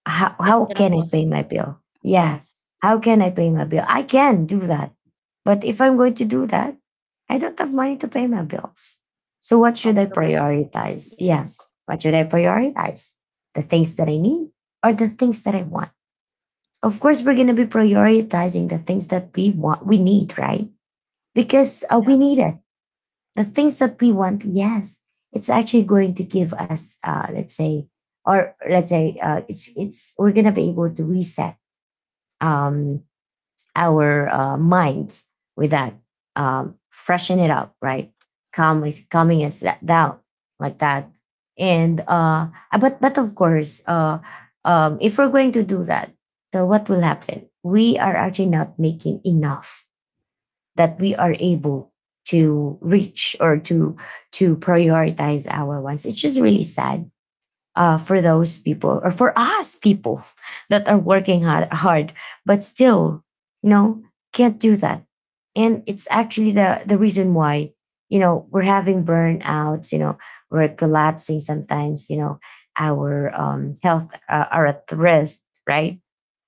Speaker 1: how,
Speaker 2: It's
Speaker 1: how
Speaker 2: gonna
Speaker 1: can I
Speaker 2: cost.
Speaker 1: pay my bill? Yeah.
Speaker 2: Yes.
Speaker 1: How can I pay my bill? I can do that. But if I'm going to do that, I don't have money to pay my bills. So what should I
Speaker 2: Compromise.
Speaker 1: prioritize? Yeah.
Speaker 2: Yes.
Speaker 1: What should I prioritize? The things that I need or the things that I want? Of course, we're going to be prioritizing the things that we want, we need, right? Because we
Speaker 2: Exactly.
Speaker 1: need it. The things that we want, yes, it's actually going to give us, let's say, or let's say, it's we're gonna be able to reset, um, our minds with that, freshen it up, right? Calm is calming us down, like that. And but of course, if we're going to do that, so what will happen? We are actually not making enough that we are able to reach or to prioritize our wants. It's just really sad for those people or for us people that are working hard, hard, but still, you know, can't do that. And it's actually the reason why, you know, we're having burnouts. You know, we're collapsing sometimes. You know, our health are at risk, right?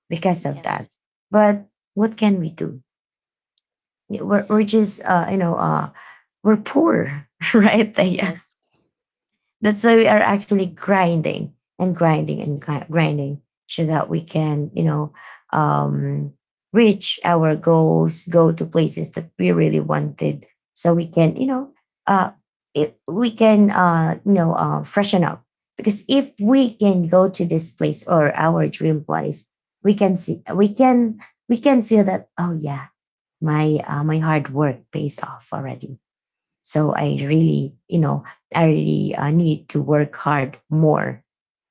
Speaker 1: Because of that.
Speaker 2: Yes.
Speaker 1: But what can we do? We're just you know, we're poor, right? Yeah.
Speaker 2: Yes.
Speaker 1: That's why we are actually grinding and grinding and grinding so that we can, you know, um, reach our goals, go to places that we really wanted, so we can, you know, uh, it, we can, you know, freshen up. Because if we can go to this place or our dream place, we can see, we can feel that. Oh yeah, my my hard work pays off already, so I really, you know, I really need to work hard more,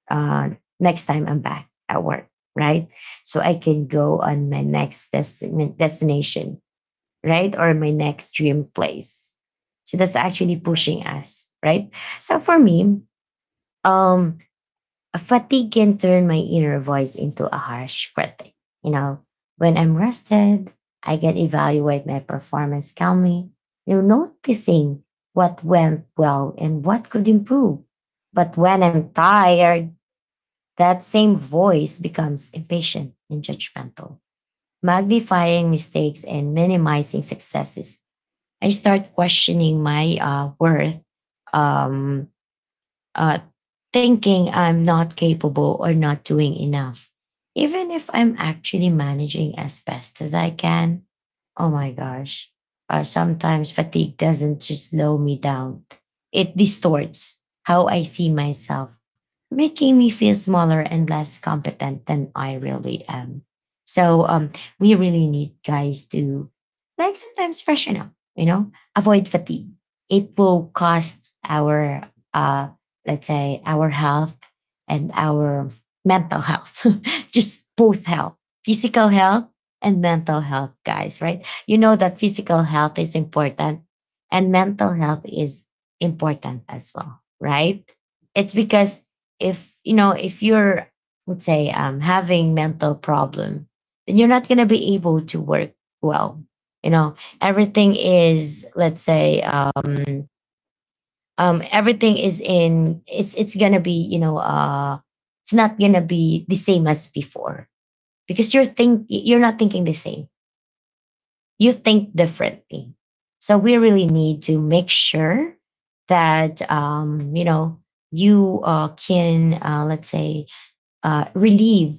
Speaker 1: uh, next time I'm back at work, right? So I can go on my next destination, right? Or my next dream place. So that's actually pushing
Speaker 2: Yes.
Speaker 1: us, right? So for me, um, a fatigue can turn my inner voice into a harsh critic. You know, when I'm rested, I can evaluate my performance calmly, you know, noticing what went well and what could improve. But when I'm tired, that same voice becomes impatient and judgmental, magnifying mistakes and minimizing successes. I start questioning my worth, um, uh, thinking I'm not capable or not doing enough. Even if I'm actually managing as best as I can, oh my gosh, sometimes fatigue doesn't just slow me down, it distorts how I see myself, making me feel smaller and less competent than I really am. So we really need, guys, to like sometimes freshen up, you know, avoid fatigue. It will cost our uh, let's say our health and our mental health. Just both health: physical health and mental health, guys, right? You know that physical health is important, and mental health is important as well, right? It's because if, you know, if you're, let's say, having mental problem, then you're not going to be able to work well. You know, everything is, let's say, everything is in, it's gonna be, you know, it's not gonna be the same as before, because you're not thinking the same, you think differently. So we really need to make sure that, you know, you can, let's say, relieve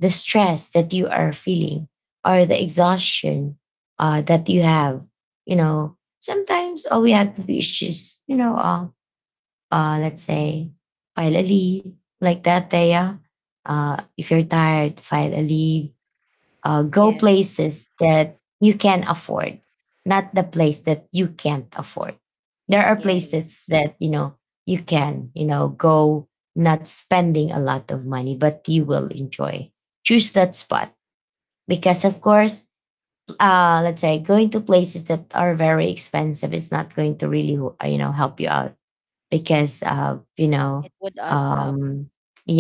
Speaker 1: the stress that you are feeling, or the exhaustion that you have. You know, sometimes all we have to do is just, you know, let's say, file a leave, like that, Thea. If you're tired, file finally, go
Speaker 2: Yes.
Speaker 1: places that you can afford, not the place that you can't afford. There are places
Speaker 2: Yes.
Speaker 1: that, you know, you can, you know, go not spending a lot of money, but you will enjoy. Choose that spot, because, of course, let's say going to places that are very expensive is not going to really, you know, help you out, because you know,
Speaker 2: It would add up
Speaker 1: um,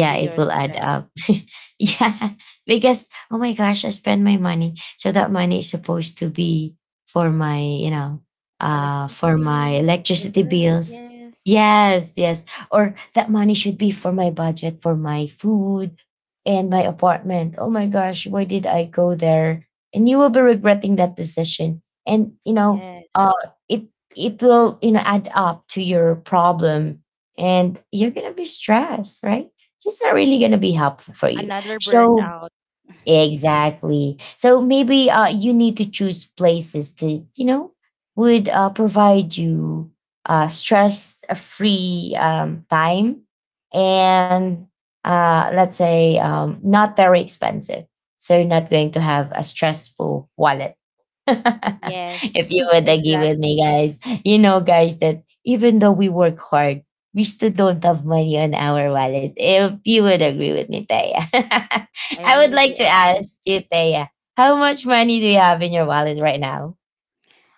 Speaker 2: to your
Speaker 1: it will add
Speaker 2: stress.
Speaker 1: up. Yeah, because, oh my gosh, I spend my money, so that money is supposed to be for my, you know, for my
Speaker 2: Electricity,
Speaker 1: electricity
Speaker 2: utility,
Speaker 1: bills.
Speaker 2: yes.
Speaker 1: Yes, yes, or that money should be for my budget for my food and my apartment. Oh my gosh, why did I go there? And you will be regretting that decision. And you know, uh,
Speaker 2: Yes.
Speaker 1: it, it will, you know, add up to your problem, and you're gonna be stressed, right? It's not really gonna be helpful for you.
Speaker 2: Another burned
Speaker 1: So
Speaker 2: out.
Speaker 1: exactly. So maybe you need to choose places that, you know, would provide you stress-free time, and let's say not very expensive. So you're not going to have a stressful wallet if
Speaker 2: Yes.
Speaker 1: you would agree with
Speaker 2: Exactly.
Speaker 1: me, guys. You know, guys, that even though we work hard, we still don't have money on our wallet. If you would agree with me, Taya.
Speaker 2: I
Speaker 1: I would
Speaker 2: really
Speaker 1: like
Speaker 2: do
Speaker 1: to
Speaker 2: agree.
Speaker 1: ask you, Taya, how much money do you have in your wallet right now?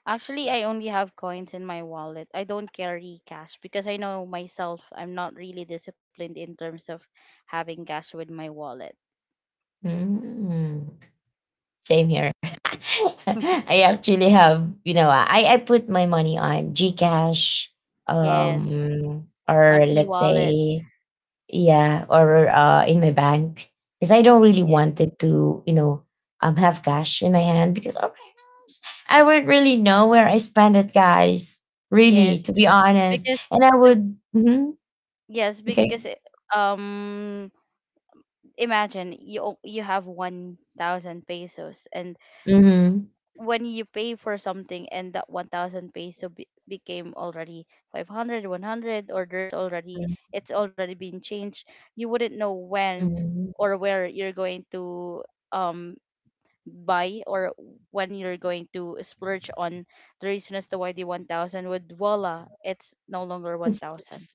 Speaker 2: Actually, I only have coins in my wallet. I don't carry cash because I know myself, I'm not really disciplined in terms of having cash with my wallet.
Speaker 1: Mm. Same here. I actually have, you know, I put my money on Gcash,
Speaker 2: Yes, on
Speaker 1: or let's
Speaker 2: e-wallet.
Speaker 1: say, yeah, or in my bank, because I don't really
Speaker 2: Yeah.
Speaker 1: wanted to, you know, have cash in my hand, because okay, I would really know where I spend it, guys. Really, to
Speaker 2: Yes,
Speaker 1: be honest.
Speaker 2: because
Speaker 1: And I
Speaker 2: the
Speaker 1: would, mhm,
Speaker 2: yes, because
Speaker 1: okay,
Speaker 2: um imagine you have 1,000 pesos, and
Speaker 1: mm-hmm.
Speaker 2: when you pay for something and that 1,000 peso became already 500, one hundred 100, or there's already,
Speaker 1: Mm-hmm.
Speaker 2: it's already been changed. You wouldn't know when
Speaker 1: Mm-hmm.
Speaker 2: or where you're going to um buy, or when you're going to splurge on. The reason as to why the 1,000 would, voila, it's no longer 1,000.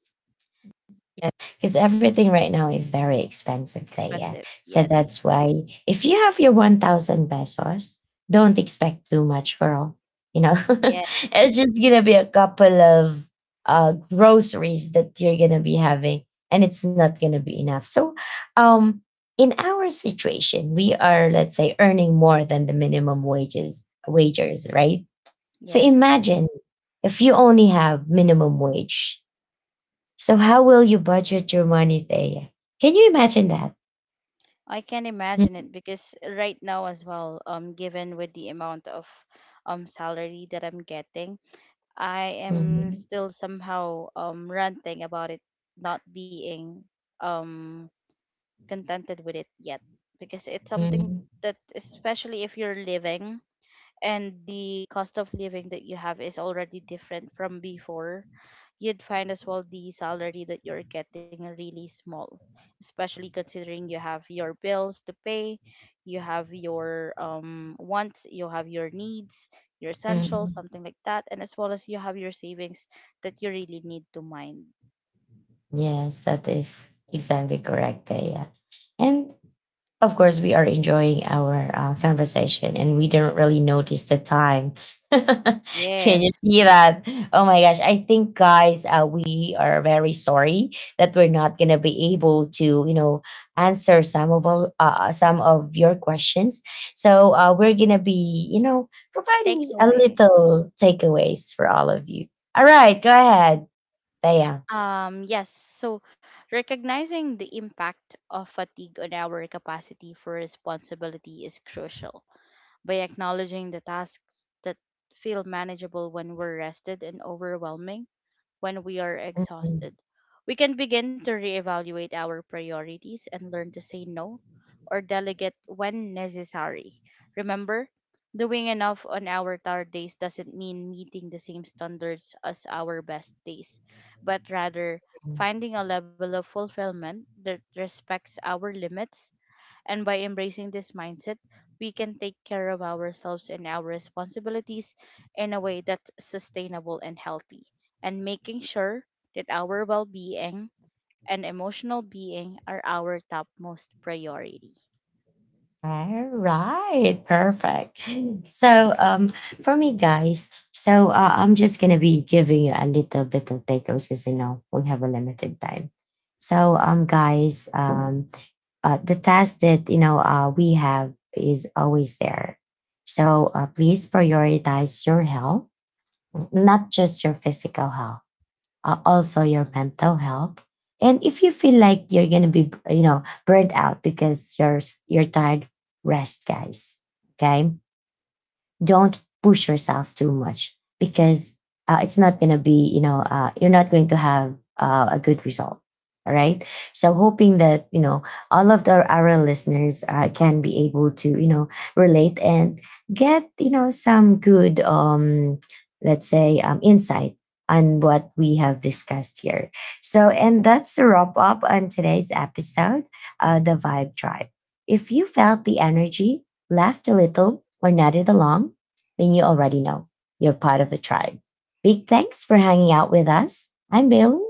Speaker 1: Because everything right now is very expensive there. Yeah.
Speaker 2: Expensive,
Speaker 1: So
Speaker 2: yes.
Speaker 1: that's why if you have your 1,000 pesos, don't expect too much, girl. You know,
Speaker 2: Yeah.
Speaker 1: it's just going to be a couple of groceries that you're going to be having, and it's not going to be enough. So, um, in our situation, we are, let's say, earning more than the minimum wages, wagers, right? So
Speaker 2: Yes,
Speaker 1: imagine if you only have minimum wage, so how will you budget your money, Thea? Can you imagine that?
Speaker 2: I can imagine
Speaker 1: Mhm,
Speaker 2: it, because right now as well, given with the amount of salary that I'm getting, I am
Speaker 1: mhm,
Speaker 2: still somehow ranting about it, not being um contented with it yet, because it's something
Speaker 1: mhm,
Speaker 2: that, especially if you're living, and the cost of living that you have is already different from before, you'd find as well the salary that you're getting really small, especially considering you have your bills to pay, you have your wants, you have your needs, your essentials,
Speaker 1: mhm.
Speaker 2: something like that, and as well as you have your savings that you really need to mind.
Speaker 1: Yes, that is exactly correct, Thea. And of course, we are enjoying our conversation and we don't really notice the time. Can you
Speaker 2: Yes.
Speaker 1: see that? Oh my gosh. I think, guys, we are very sorry that we're not going to be able to, you know, answer some of all, some of your questions. So we're going to be, you know, providing a
Speaker 2: Takeaway.
Speaker 1: little takeaways for all of you. All right. Go ahead, Thea.
Speaker 2: Yes, so recognizing the impact of fatigue on our capacity for responsibility is crucial. By acknowledging the tasks that feel manageable when we're rested and overwhelming when we are exhausted, we can begin to reevaluate our priorities and learn to say no or delegate when necessary. Remember, doing enough on our tired days doesn't mean meeting the same standards as our best days, but rather finding a level of fulfillment that respects our limits. And by embracing this mindset, we can take care of ourselves and our responsibilities in a way that's sustainable and healthy, and making sure that our well being and emotional being are our topmost priority.
Speaker 1: All right, perfect. So, for me, guys, so I'm just gonna be giving you a little bit of takeaways because you know we have a limited time. So, the task that, you know, we have is always there. So please prioritize your health, not just your physical health, also your mental health. And if you feel like you're gonna be, you know, burned out because you're tired, rest, guys. Okay, don't push yourself too much, because it's not going to be, you know, you're not going to have a good result. All right. So hoping that, you know, all of the, our listeners can be able to, you know, relate and get, you know, some good, let's say, insight on what we have discussed here. So, and that's a wrap up on today's episode, The Vibe Tribe. If you felt the energy, laughed a little, or nodded along, then you already know you're part of the tribe. Big thanks for hanging out with us. I'm Bill.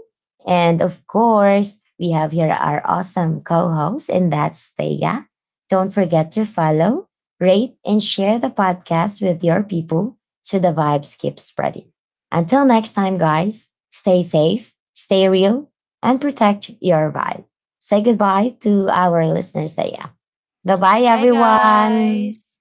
Speaker 1: And of course, we have here our awesome co host, and that's Thea. Don't forget to follow, rate, and share the podcast with your people so the vibes keep spreading. Until next time, guys, stay safe, stay real, and protect your vibe. Say goodbye to our listeners, Thea. Bye bye,
Speaker 2: Bye,
Speaker 1: everyone.
Speaker 2: guys.